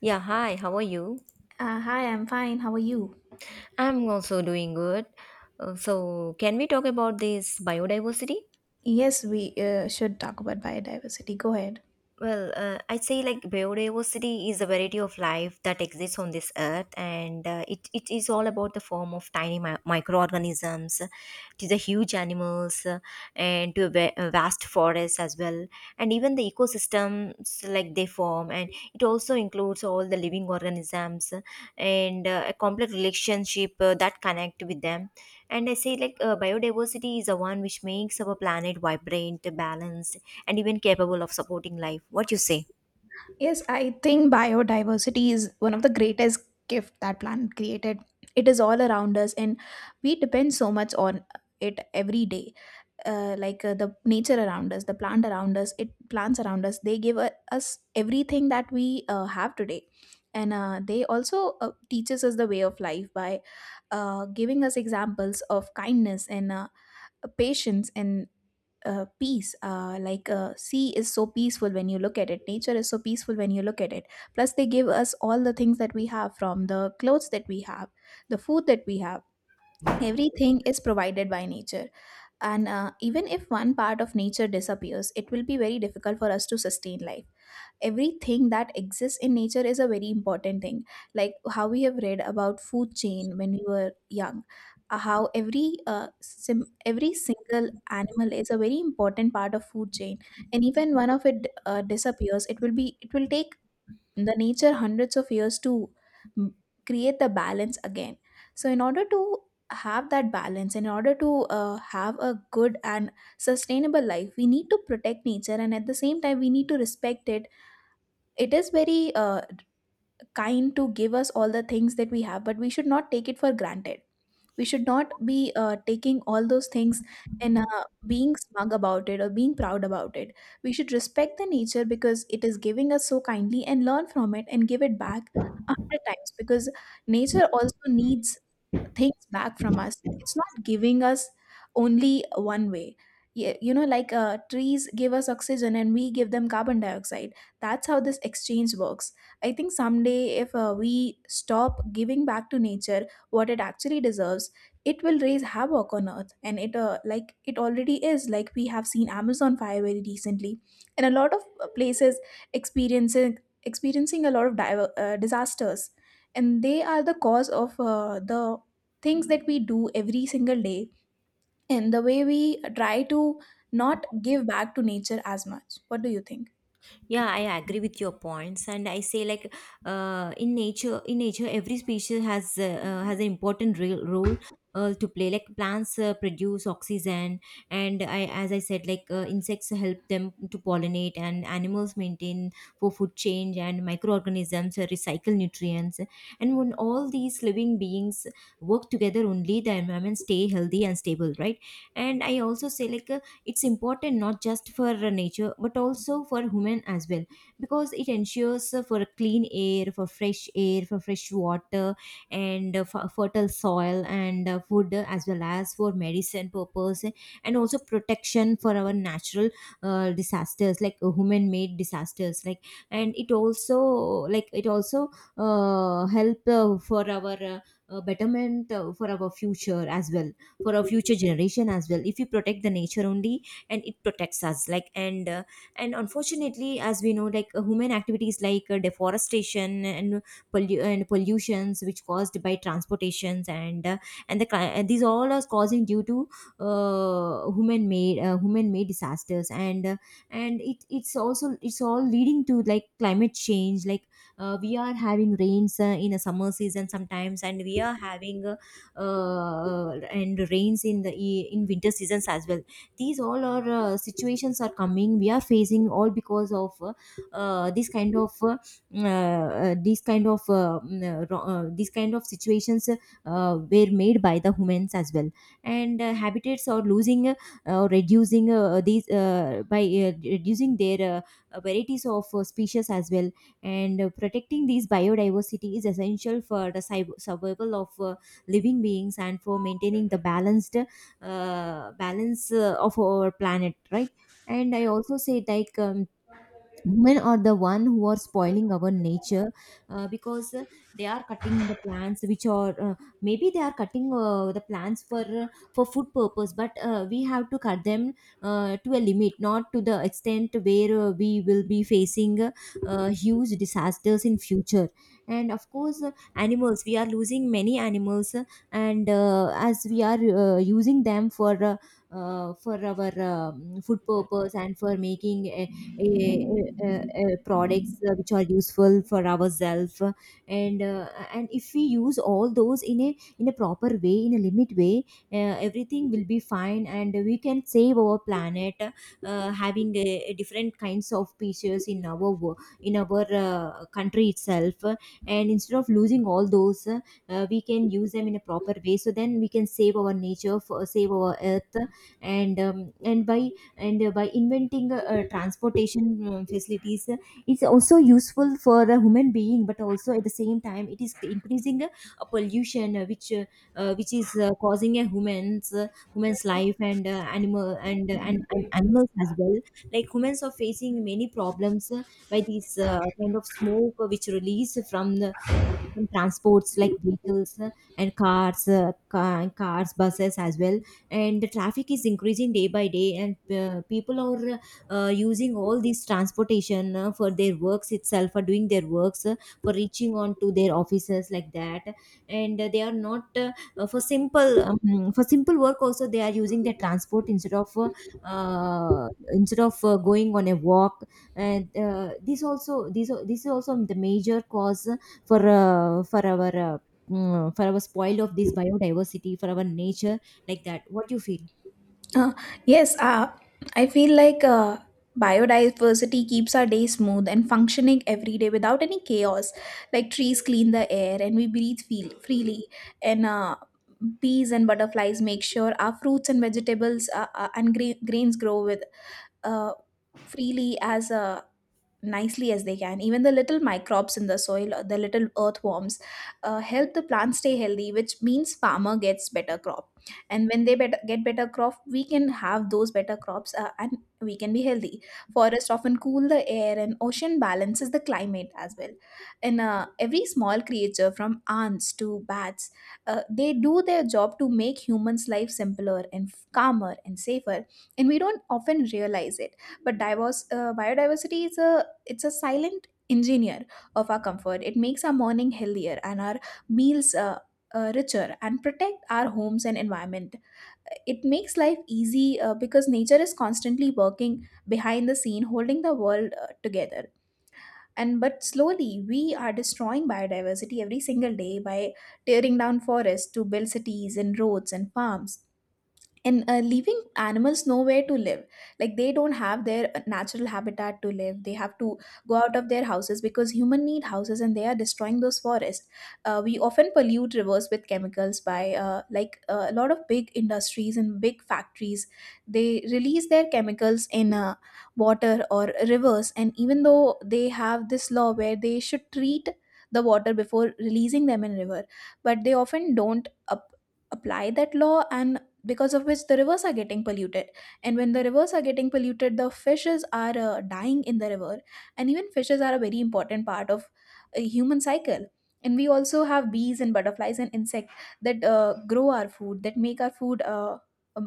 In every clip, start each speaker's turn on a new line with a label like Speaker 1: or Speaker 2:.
Speaker 1: Yeah, hi, how are you?
Speaker 2: Hi, I'm fine. How are you?
Speaker 1: I'm also doing good. So, can we talk about this biodiversity?
Speaker 2: Yes, we should talk about biodiversity. Go ahead.
Speaker 1: Well, I'd say like biodiversity is a variety of life that exists on this earth, and it is all about the form of tiny microorganisms to the huge animals and to a vast forest as well, and even the ecosystems like they form, and it also includes all the living organisms and a complex relationship that connect with them. And I say like biodiversity is the one which makes our planet vibrant, balanced and even capable of supporting life what you say.
Speaker 2: Yes, I think biodiversity is one of the greatest gift that planet created. It is all around us, and we depend so much on it every day. Like the nature around us, the plant around us, it plants around us. They give us everything that we have today, and they also teaches us the way of life by giving us examples of kindness and patience and peace, like sea is so peaceful when you look at it. Nature is so peaceful when you look at it. Plus, they give us all the things that we have, from the clothes that we have, the food that we have. Everything is provided by nature, and even if one part of nature disappears, it will be very difficult for us to sustain life. Everything that exists in nature is a very important thing, like how we have read about food chain when we were young. How every every single animal is a very important part of food chain, and even one of it disappears, it will take the nature hundreds of years to mm, create the balance again. So in order to have that balance, in order to have a good and sustainable life, we need to protect nature, and at the same time we need to respect it. It is very kind to give us all the things that we have, but we should not take it for granted. We should not be taking all those things and being smug about it or being proud about it. We should respect the nature because it is giving us so kindly, and learn from it and give it back a hundred times, because nature also needs things back from us. It's not giving us only one way. Yeah, you know, like trees give us oxygen and we give them carbon dioxide. That's how this exchange works. I think someday if we stop giving back to nature what it actually deserves, it will raise havoc on earth. And it, like it already is, like we have seen Amazon fire very recently, and a lot of places experiencing, a lot of disasters, and they are the cause of the things that we do every single day, and the way we try to not give back to nature as much. What do you think?
Speaker 1: Yeah, I agree with your points, and I say like in nature, every species has an important role to play, like plants produce oxygen, and I as I said, like insects help them to pollinate, and animals maintain for food change, and microorganisms recycle nutrients. And when all these living beings work together, only the environment stay healthy and stable, right? And I also say like it's important not just for nature but also for human as well, because it ensures for clean air, for fresh air, for fresh water, and fertile soil, and food as well as for medicine purpose, and also protection for our natural disasters, like human made disasters, like. And it also help for our betterment for our future as well, for our future generation as well, if we protect the nature only. And it protects us, like. And and unfortunately, as we know, like human activities like deforestation and and pollutions which caused by transportations, and and these all are causing due to human made disasters. And and it it's also it's all leading to like climate change, like we are having rains in a summer season sometimes, and we are having uh, and rains in the in winter seasons as well. These all are situations are coming, we are facing all because of this kind of these kind of mm, ro- these kind of situations were made by the humans as well. And habitats are losing or reducing these by reducing their varieties of species as well. And protecting these biodiversity is essential for the survival of living beings and for maintaining the balance of our planet, right? And I also say like women are the one who are spoiling our nature, because they are cutting the plants which are maybe they are cutting the plants for food purpose, but we have to cut them to a limit, not to the extent where we will be facing huge disasters in future. And of course, animals, we are losing many animals, and as we are using them for our food purpose, and for making products which are useful for ourselves. And and if we use all those in a proper way, in a limit way, everything will be fine and we can save our planet, having a different kinds of species in our country itself, and instead of losing all those, we can use them in a proper way, so then we can save our nature for, save our earth. And by inventing transportation facilities, it's also useful for a human being, but also at the same time it is increasing a pollution which is causing a human's life, and animal, and and animals as well. Like humans are facing many problems by these kind of smoke which released from the from transports like vehicles, and cars, cars, buses as well. And the traffic is increasing day by day, and people are using all these transportation for their works itself, for doing their works, for reaching on to their offices, like that. And they are not for simple for simple work also, they are using their transport instead of going on a walk. And this is also the major cause for our for our spoil of this biodiversity, for our nature, like that. What do you feel?
Speaker 2: Uh, yes, I feel like biodiversity keeps our day smooth and functioning every day without any chaos. Like, trees clean the air and we breathe feel freely, and bees and butterflies make sure our fruits and vegetables and grains grow with, uh, freely, as nicely as they can. Even the little microbes in the soil, the little earthworms, help the plant stay healthy, which means farmer gets better crop. And when they get better crop, we can have those better crops and we can be healthy. Forests often cool the air and ocean balances the climate as well. And every small creature from ants to bats, they do their job to make humans' life simpler and calmer and safer. And we don't often realize it, but diverse biodiversity is a silent engineer of our comfort. It makes our morning healthier and our meals richer, and protect our homes and environment. It makes life easy because nature is constantly working behind the scene, holding the world together. And but slowly we are destroying biodiversity every single day by tearing down forests to build cities and roads and farms, and leaving animals nowhere to live, like they don't have their natural habitat to live. They have to go out of their houses because human need houses and they are destroying those forests. We often pollute rivers with chemicals by, like a lot of big industries and big factories. They release their chemicals in water or rivers, and even though they have this law where they should treat the water before releasing them in river, but they often don't apply that law, and because of which the rivers are getting polluted. And when the rivers are getting polluted, the fishes are dying in the river, and even fishes are a very important part of a human cycle. And we also have bees and butterflies and insects that grow our food, that make our food,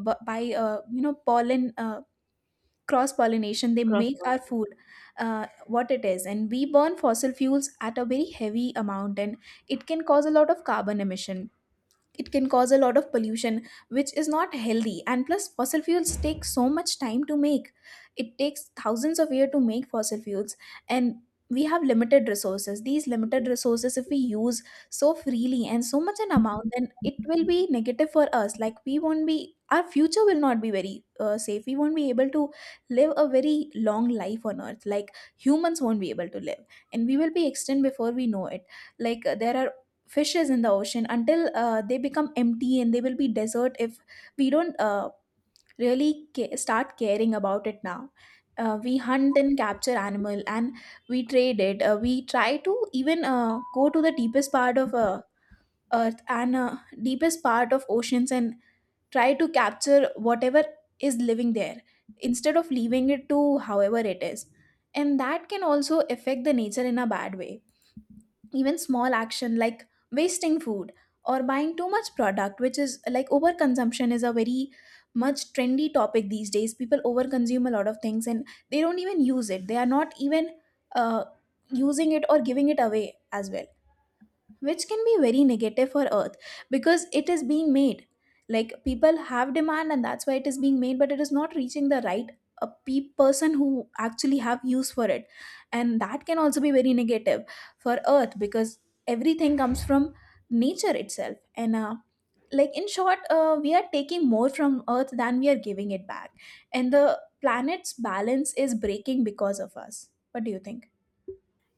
Speaker 2: by you know pollen, cross pollination, they make
Speaker 1: Crossword.
Speaker 2: our food what it is. And we burn fossil fuels at a very heavy amount, and it can cause a lot of carbon emission. It can cause a lot of pollution, which is not healthy. And plus fossil fuels take so much time to make. It takes thousands of years to make fossil fuels, and we have limited resources. These limited resources, if we use so freely and so much an amount, then it will be negative for us. Like, we won't be our future will not be very safe. We won't be able to live a very long life on earth, like humans won't be able to live, and we will be extinct before we know it. Like there are fishes in the ocean until they become empty, and they will be desert if we don't really start caring about it now. We hunt and capture animal, and we trade it. We try to even go to the deepest part of earth and deepest part of oceans, and try to capture whatever is living there instead of leaving it to however it is, and that can also affect the nature in a bad way. Even small action like wasting food or buying too much product, which is like overconsumption, is a very much trendy topic these days. People overconsume a lot of things and they don't even use it. They are not even uh, using it or giving it away as well, which can be very negative for earth because it is being made. Like, people have demand and that's why it is being made, but it is not reaching the right, person who actually have use for it, and that can also be very negative for earth because everything comes from nature itself. And like, in short, we are taking more from earth than we are giving it back, and the planet's balance is breaking because of us. What do you think?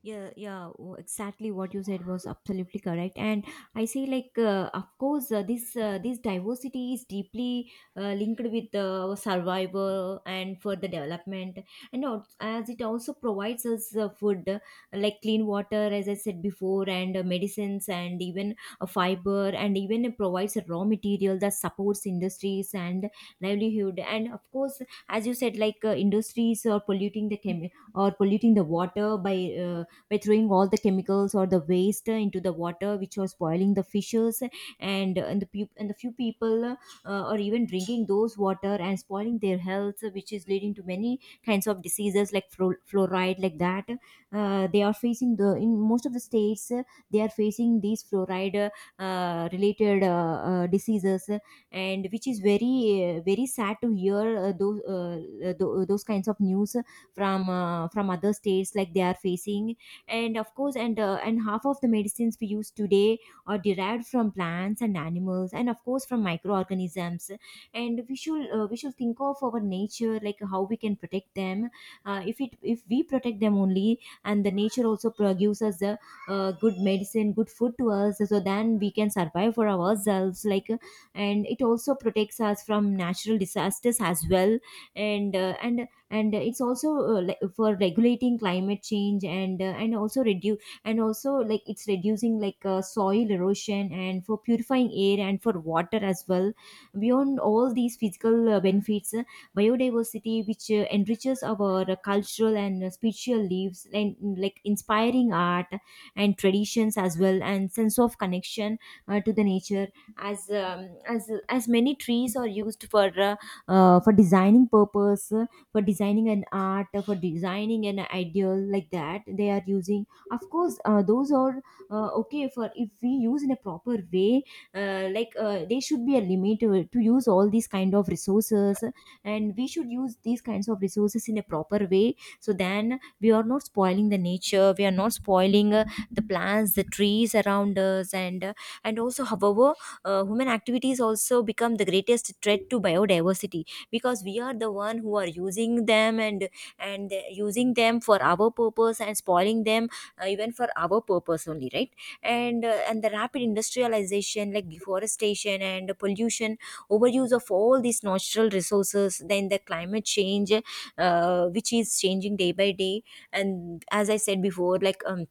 Speaker 1: Yeah, exactly what you said was absolutely correct. And I say like of course, this diversity is deeply linked with survival and further development, and as it also provides us food, like clean water, as I said before, and medicines, and even fiber, and even it provides a raw material that supports industries and livelihood. And of course, as you said, like industries are polluting the or polluting the water uh, by throwing all the chemicals or the waste into the water, which was spoiling the fishes. And and the few people are even drinking those water and spoiling their health, which is leading to many kinds of diseases like fluoride, like that. They are facing the in most of the states, they are facing these fluoride related diseases, and which is very very sad to hear those those kinds of news, from other states, like they are facing. And of course, and half of the medicines we use today are derived from plants and animals, and of course from microorganisms. And we should think of our nature, like how we can protect them, if we protect them only, and the nature also produces the good medicine, good food to us, so then we can survive for ourselves, like, and it also protects us from natural disasters as well. And it's also like for regulating climate change, and also reduce and also, like, it's reducing like soil erosion, and for purifying air and for water as well. Beyond all these physical benefits, biodiversity which enriches our cultural and spiritual lives, and like inspiring art and traditions as well, and sense of connection to the nature, as many trees are used for designing purpose, for designing an art, for designing an ideal, like that. They are using, of course, those are okay for if we use in a proper way. Like there should be a limit to use all these kind of resources, and we should use these kinds of resources in a proper way, so then we are not spoiling the nature, we are not spoiling the plants, the trees around us. And and also, however, human activities also become the greatest threat to biodiversity, because we are the one who are using them and using them for our purpose and spoiling them, even for our purpose only, right? And and the rapid industrialization, like deforestation and pollution, overuse of all these natural resources, then the climate change, which is changing day by day. And as I said before, like um,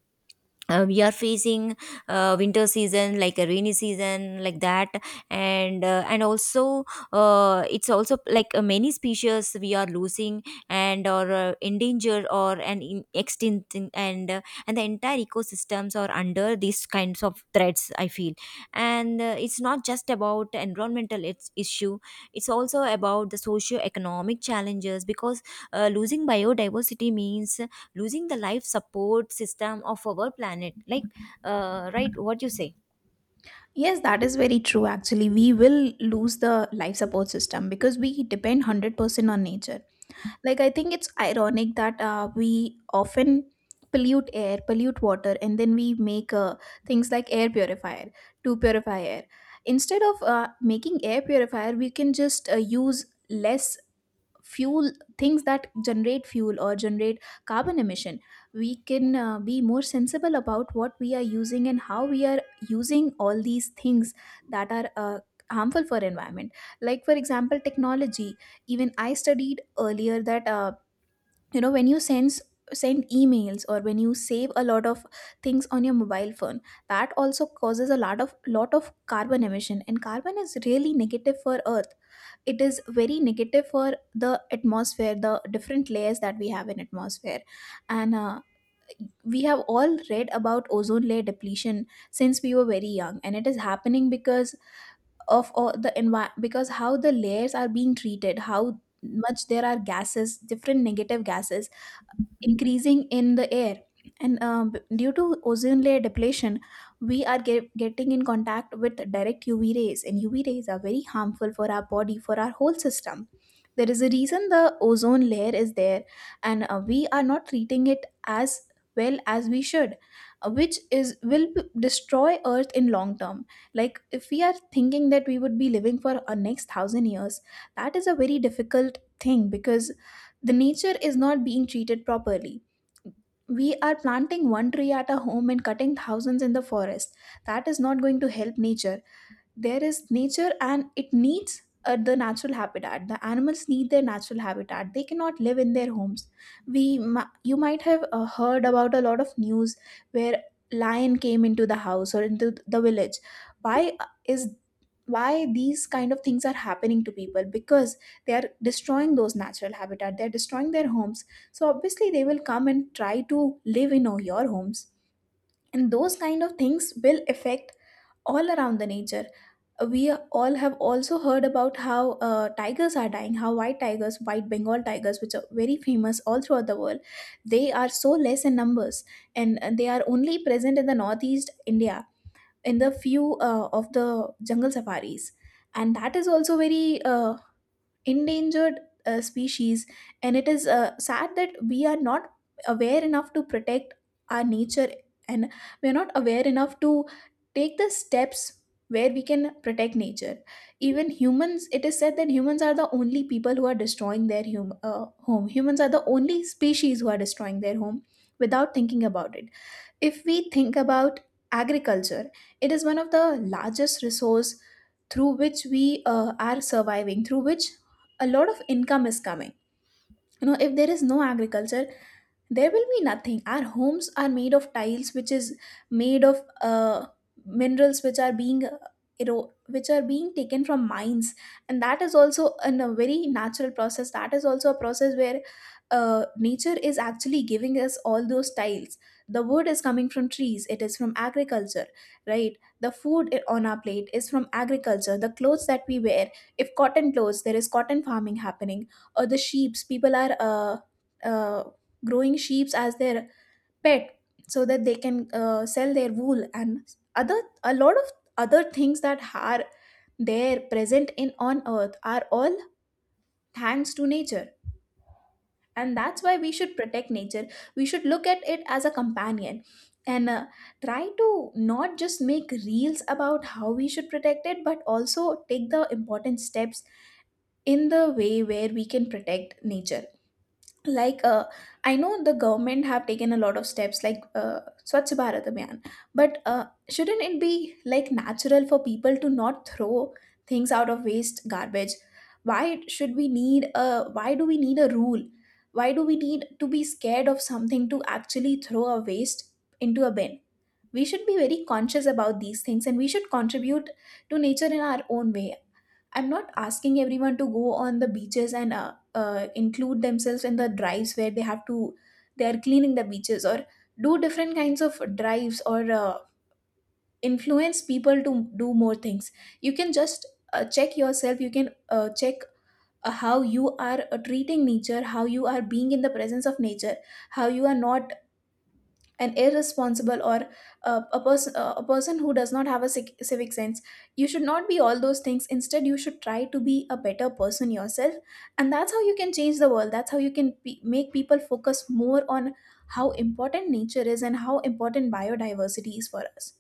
Speaker 1: uh, we are facing winter season like a rainy season, like that. And and also it's also like many species we are losing, and or endangered or an extinct, and the entire ecosystems are under these kinds of threats, I feel. And it's not just about environmental, it's issue, it's also about the socio economic challenges, because losing biodiversity means losing the life support system of our planet, like right, what you say.
Speaker 2: Yes, that is very true. Actually, we will lose the life support system because we depend 100% on nature. Like, I think it's ironic that we often pollute air, pollute water, and then we make things like air purifier to purify air. Instead of making air purifier, we can just use less fuel, things that generate fuel or generate carbon emission. We can be more sensible about what we are using and how we are using all these things that are harmful for environment. Like for example technology, even I studied earlier that you know, when you send emails, or when you save a lot of things on your mobile phone, that also causes a lot of carbon emission, and carbon is really negative for earth. It is very negative for the atmosphere, the different layers that we have in atmosphere. And we have all read about ozone layer depletion since we were very young, and it is happening because of all the because how the layers are being treated, how much there are gases, different negative gases increasing in the air. And due to ozone layer depletion, we are getting in contact with direct UV rays, and UV rays are very harmful for our body, for our whole system. There is a reason the ozone layer is there, and we are not treating it as well as we should, which is will destroy earth in long term. Like if we are thinking that we would be living for our next thousand years, that is a very difficult thing because the nature is not being treated properly. We are planting one tree at a home and cutting thousands in the forest. That is not going to help nature. There is nature and it needs the natural habitat. The animals need their natural habitat, they cannot live in their homes. You might have heard about a lot of news where lion came into the house or into the village. why uh, is why these kind of things are happening to people? Because they are destroying those natural habitat, they are destroying their homes, so obviously they will come and try to live in your homes, and those kind of things will affect all around the nature. We all have also heard about how tigers are dying, how white bengal tigers, which are very famous all throughout the world, they are so less in numbers. And they are only present in the northeast india, in the few of the jungle safaris. And that is also very endangered species. And it is sad that we are not aware enough to protect our nature. And we are not aware enough to take the steps where we can protect nature. Even humans, it is said that humans are the only people who are destroying their home. Humans are the only species who are destroying their home, without thinking about it. If we think about agriculture, it is one of the largest resource through which we are surviving, through which a lot of income is coming. You know, if there is no agriculture, there will be nothing. Our homes are made of tiles, which is made of minerals, which are being which are being taken from mines. And that is also a very natural process. That is also a process where nature is actually giving us all those tiles. The wood is coming from trees, it is from agriculture, right? The food on our plate is from agriculture, the clothes that we wear, if cotton clothes, there is cotton farming happening, or the sheeps, people are uh, growing sheep as their pet so that they can sell their wool. And other, a lot of other things that are there present in on earth are all thanks to nature. And that's why we should protect nature, we should look at it as a companion, and try to not just make reels about how we should protect it, but also take the important steps in the way where we can protect nature. Like I know the government have taken a lot of steps, like swachh bharat abhiyan. But shouldn't it be like natural for people to not throw things out of waste garbage? why why do we need a rule? Why do we need to be scared of something to actually throw a waste into a bin? We should be very conscious about these things, and we should contribute to nature in our own way. I'm not asking everyone to go on the beaches and include themselves in the drives where they are cleaning the beaches, or do different kinds of drives, or influence people to do more things. You can just check yourself, you can check how you are treating nature, how you are being in the presence of nature, how you are not an irresponsible, or a person who does not have a civic sense. You should not be all those things, instead you should try to be a better person yourself. And that's how you can change the world, that's how you can pe make people focus more on how important nature is and how important biodiversity is for us.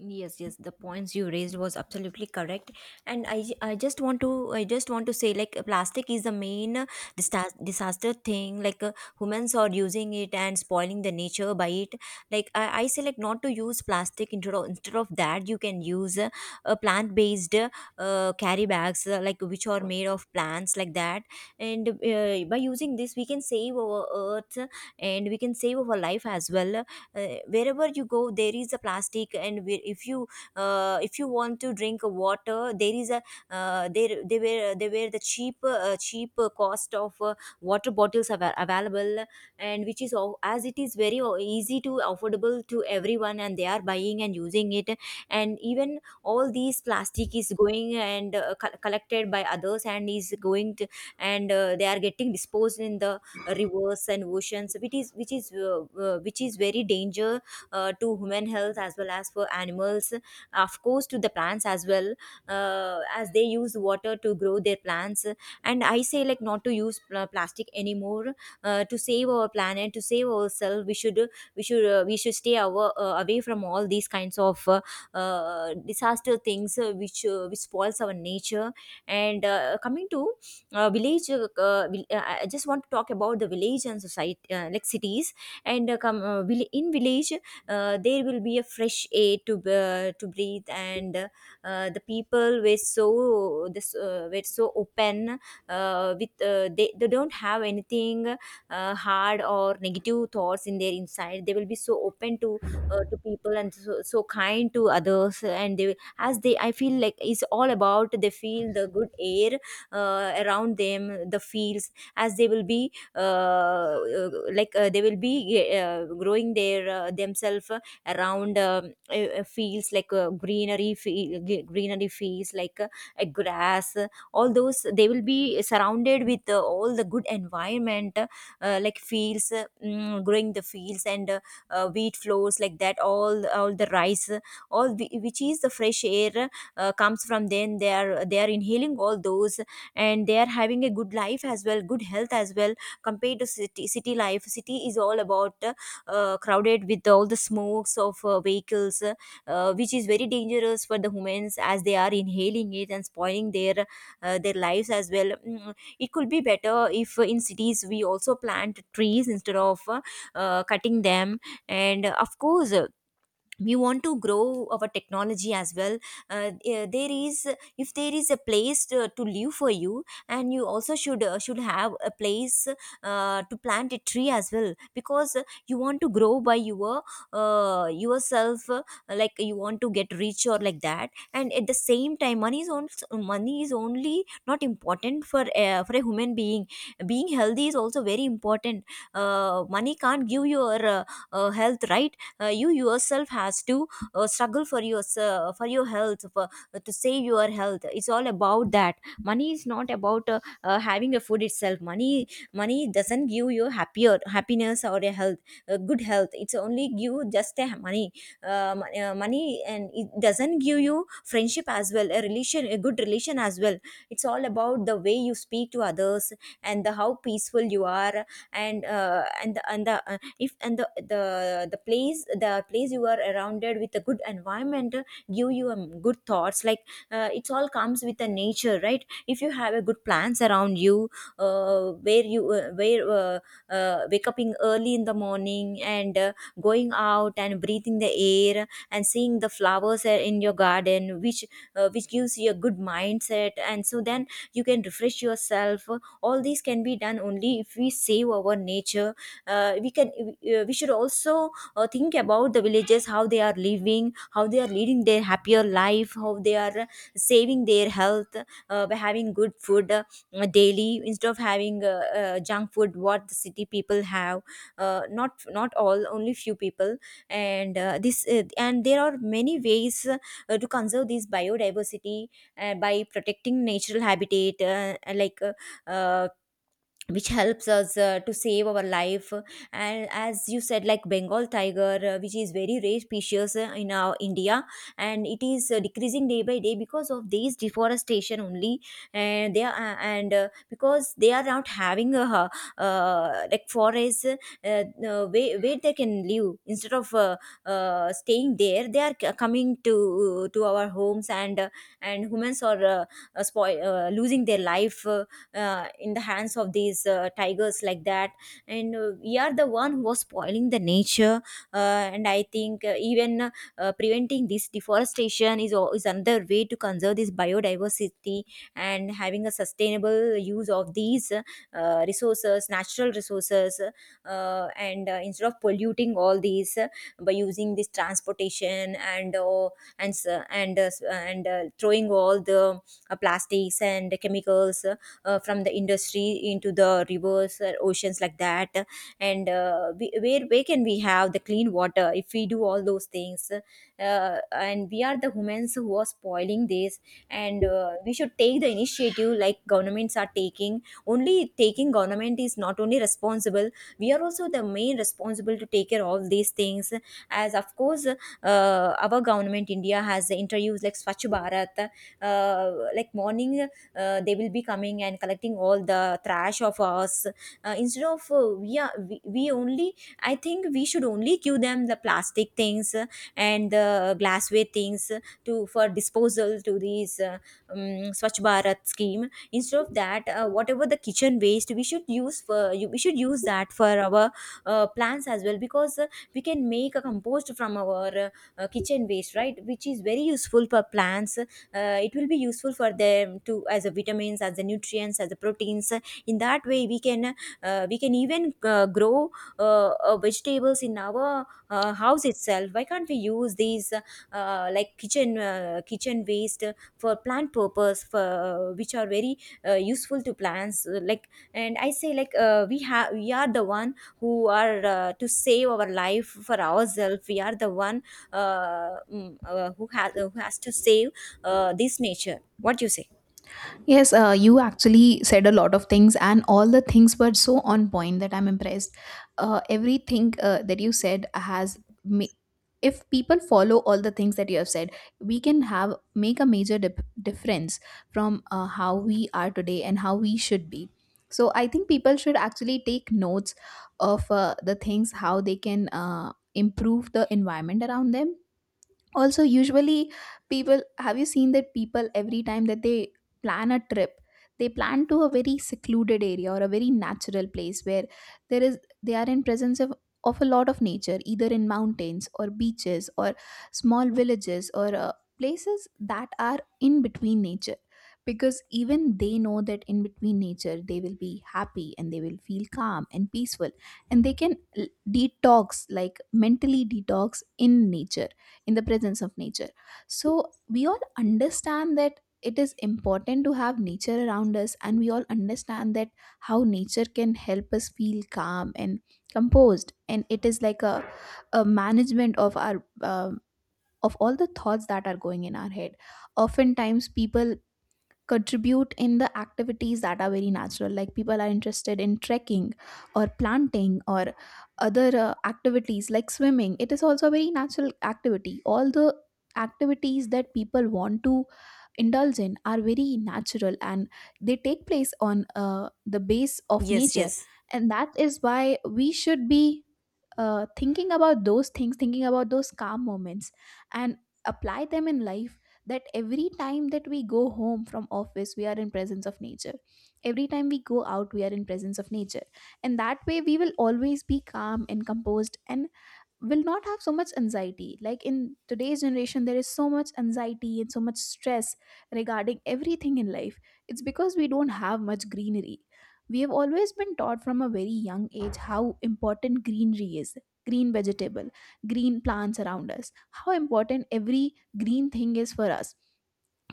Speaker 1: Yes, yes, the points you raised was absolutely correct. And I just want to say like plastic is the main disaster thing, like humans are using it and spoiling the nature by it. Like I say like not to use plastic, instead of that, you can use plant based carry bags like which are made of plants, like that. And by using this we can save our earth, and we can save our life as well. Wherever you go there is a plastic, and if you want to drink water, there is a there they were the cheap cheap cost of water bottles available. And which is as it is very easy to affordable to everyone, and they are buying and using it. And even all these plastic is going and collected by others and is going to, and they are getting disposed in the rivers and oceans, which is very danger to human health as well as for animals, of course, to the plants as well, as they use water to grow their plants. And I say like not to use plastic anymore. Uh, to save our planet, to save ourselves, we should we should stay away from all these kinds of disaster things, which spoils our nature. And coming to I just want to talk about the village and society, like cities. And in village, there will be a fresh air to breathe, and the people were so this were so open with they don't have anything hard or negative thoughts in their inside. They will be so open to people and so kind to others, and they as they I feel like it's all about they feel the good air around them, the fields, as they will be they will be growing their themselves around fields like greenery greenery fields, like a grass, all those. They will be surrounded with all the good environment, like fields, growing the fields and wheat floors like that, all the rice, which is the fresh air comes from them. They are they are inhaling all those, and they are having a good life as well, good health as well, compared to city. City life, city is all about crowded with all the smokes of vehicles, which is very dangerous for the humans, as they are inhaling it and spoiling their lives as well. Mm, it could be better if in cities we also plant trees instead of cutting them. And of course, we want to grow our technology as well. There is, if there is a place to live for you, and you also should have a place to plant a tree as well, because you want to grow by your yourself, like you want to get rich or like that. And at the same time, money is also, money is only not important for a human being. Being healthy is also very important. Uh, money can't give your health, right? Uh, you yourself has to struggle for your health, for to save your health. It's all about that. Money is not about having a food itself. Money, money doesn't give you happier happiness or a health, a good health. It's only give just a money, money, and it doesn't give you friendship as well, a relation, a good relation as well. It's all about the way you speak to others and the how peaceful you are. And and the if and the place, the place you are surrounded with, a good environment give you good thoughts, like it all comes with the nature, right? If you have a good plans around you, where you where wake up in early in the morning and going out and breathing the air and seeing the flowers in your garden, which gives you a good mindset, and so then you can refresh yourself. All these can be done only if we save our nature. Uh, we can we should also think about the villages, how they are living, how they are leading their happier life, how they are saving their health, by having good food daily instead of having junk food what the city people have, not all, only few people. And this and there are many ways to conserve this biodiversity, by protecting natural habitat, uh, which helps us to save our life. And as you said, like Bengal tiger, which is very rare species in our India, and it is decreasing day by day because of these deforestation only. And they are and because they are not having a like forest, where they can live instead of staying there, they are coming to our homes, and humans are losing their life in the hands of these tigers, like that. And we are the one who was spoiling the nature. Uh, and I think even preventing this deforestation is another way to conserve this biodiversity, and having a sustainable use of these resources, natural resources. And instead of polluting all these by using this transportation, and throwing all the plastics and chemicals from the industry into the rivers or oceans, like that. And we, where can we have the clean water if we do all those things? Uh, and we are the humans who are spoiling this. And we should take the initiative, like governments are taking. Only taking government is not only responsible, we are also the main responsible to take care of all these things. As of course our government India has the interviews, like Swachh Bharat, uh, like morning they will be coming and collecting all the trash of us, instead of we are we only, I think we should only give them the plastic things and the glassware things to for disposal to these um, Swachh Bharat scheme. Instead of that, whatever the kitchen waste, we should use for we should use that for our plants as well, because we can make a compost from our kitchen waste, right, which is very useful for plants. Uh, it will be useful for them to as a vitamins, as the nutrients, as the proteins. In that way we can even grow vegetables in our house itself. Why can't we use these kitchen waste for plant purpose, for which are very useful to plants, like, and I say like we have we are the one who are to save our life for ourselves, we are the one who has to save this nature. What do you say?
Speaker 2: Yes, you actually said a lot of things, and all the things were so on point that I'm impressed. Everything that you said ma- if people follow all the things that you have said, we can have make a major difference from how we are today and how we should be. So I think people should actually take notes of the things how they can improve the environment around them. Also, usually people have, you seen that people, every time that they plan a trip, they plan to a very secluded area or a very natural place where there is they are in presence of a lot of nature, either in mountains or beaches or small villages, or places that are in between nature. Because even they know that in between nature they will be happy and they will feel calm and peaceful, and they can detox, like mentally detox in nature, in the presence of nature. So we all understand that it is important to have nature around us, and we all understand that how nature can help us feel calm and composed. And it is like a management of our of all the thoughts that are going in our head. Oftentimes people contribute in the activities that are very natural, like people are interested in trekking or planting, or other activities like swimming, it is also a very natural activity. All the activities that people want to indulge in are very natural, and they take place on the base of
Speaker 1: Yes,
Speaker 2: nature.
Speaker 1: yes,
Speaker 2: And that is why we should be thinking about those things, thinking about those calm moments, and apply them in life. That every time that we go home from office, we are in presence of nature. Every time we go out, we are in presence of nature, and that way we will always be calm and composed, and will not have so much anxiety. Like in today's generation there is so much anxiety and so much stress regarding everything in life. It's because we don't have much greenery. We have always been taught from a very young age how important greenery is, green vegetable, green plants around us, how important every green thing is for us,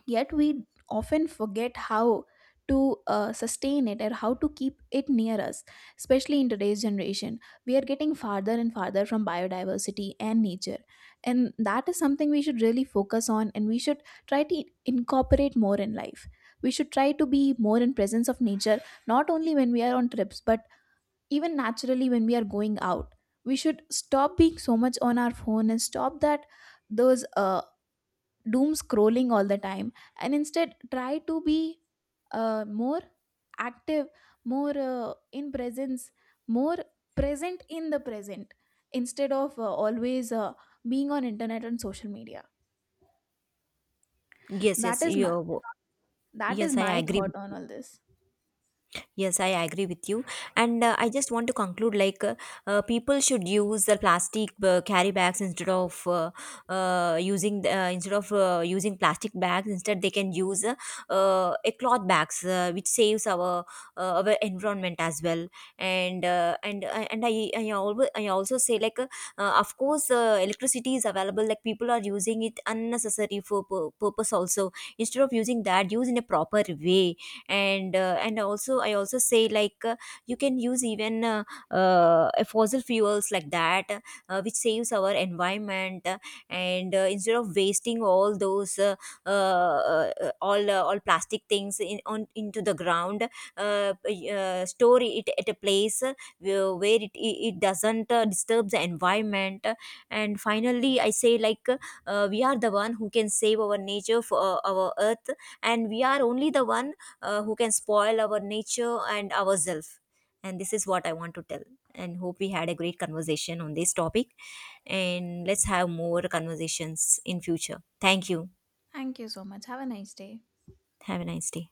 Speaker 2: yet we often forget how to sustain it or how to keep it near us, especially in today's generation. We are getting farther and farther from biodiversity and nature, and that is something we should really focus on, and we should try to incorporate more in life. We should try to be more in presence of nature, not only when we are on trips, but even naturally when we are going out. We should stop being so much on our phone and stop that, those doom scrolling all the time, and instead try to be more active, more in presence, more present in the present, instead of always being on internet and social media.
Speaker 1: yes,
Speaker 2: that
Speaker 1: yes.
Speaker 2: is my
Speaker 1: You,
Speaker 2: that is
Speaker 1: yes, I
Speaker 2: my
Speaker 1: agree
Speaker 2: thought on
Speaker 1: with.
Speaker 2: all this.
Speaker 1: Yes, I agree with you. And I just want to conclude, like people should use the plastic carry bags instead of using the, instead of using plastic bags. Instead, they can use a cloth bags, which saves our environment as well. And and I always, I also say like of course electricity is available. Like people are using it unnecessary for purpose also. Instead of using that, use in a proper way, and also I also say like you can use even fossil fuels like that, which saves our environment, and instead of wasting all those all plastic things in on into the ground, store it at a place where it doesn't disturb the environment. And finally, I say like we are the one who can save our nature, for our earth, and we are only the one who can spoil our nature and ourselves. And this is what I want to tell. And hope we had a great conversation on this topic. And let's have more conversations in future. Thank you.
Speaker 2: Thank you so much, have a nice day.
Speaker 1: Have a nice day.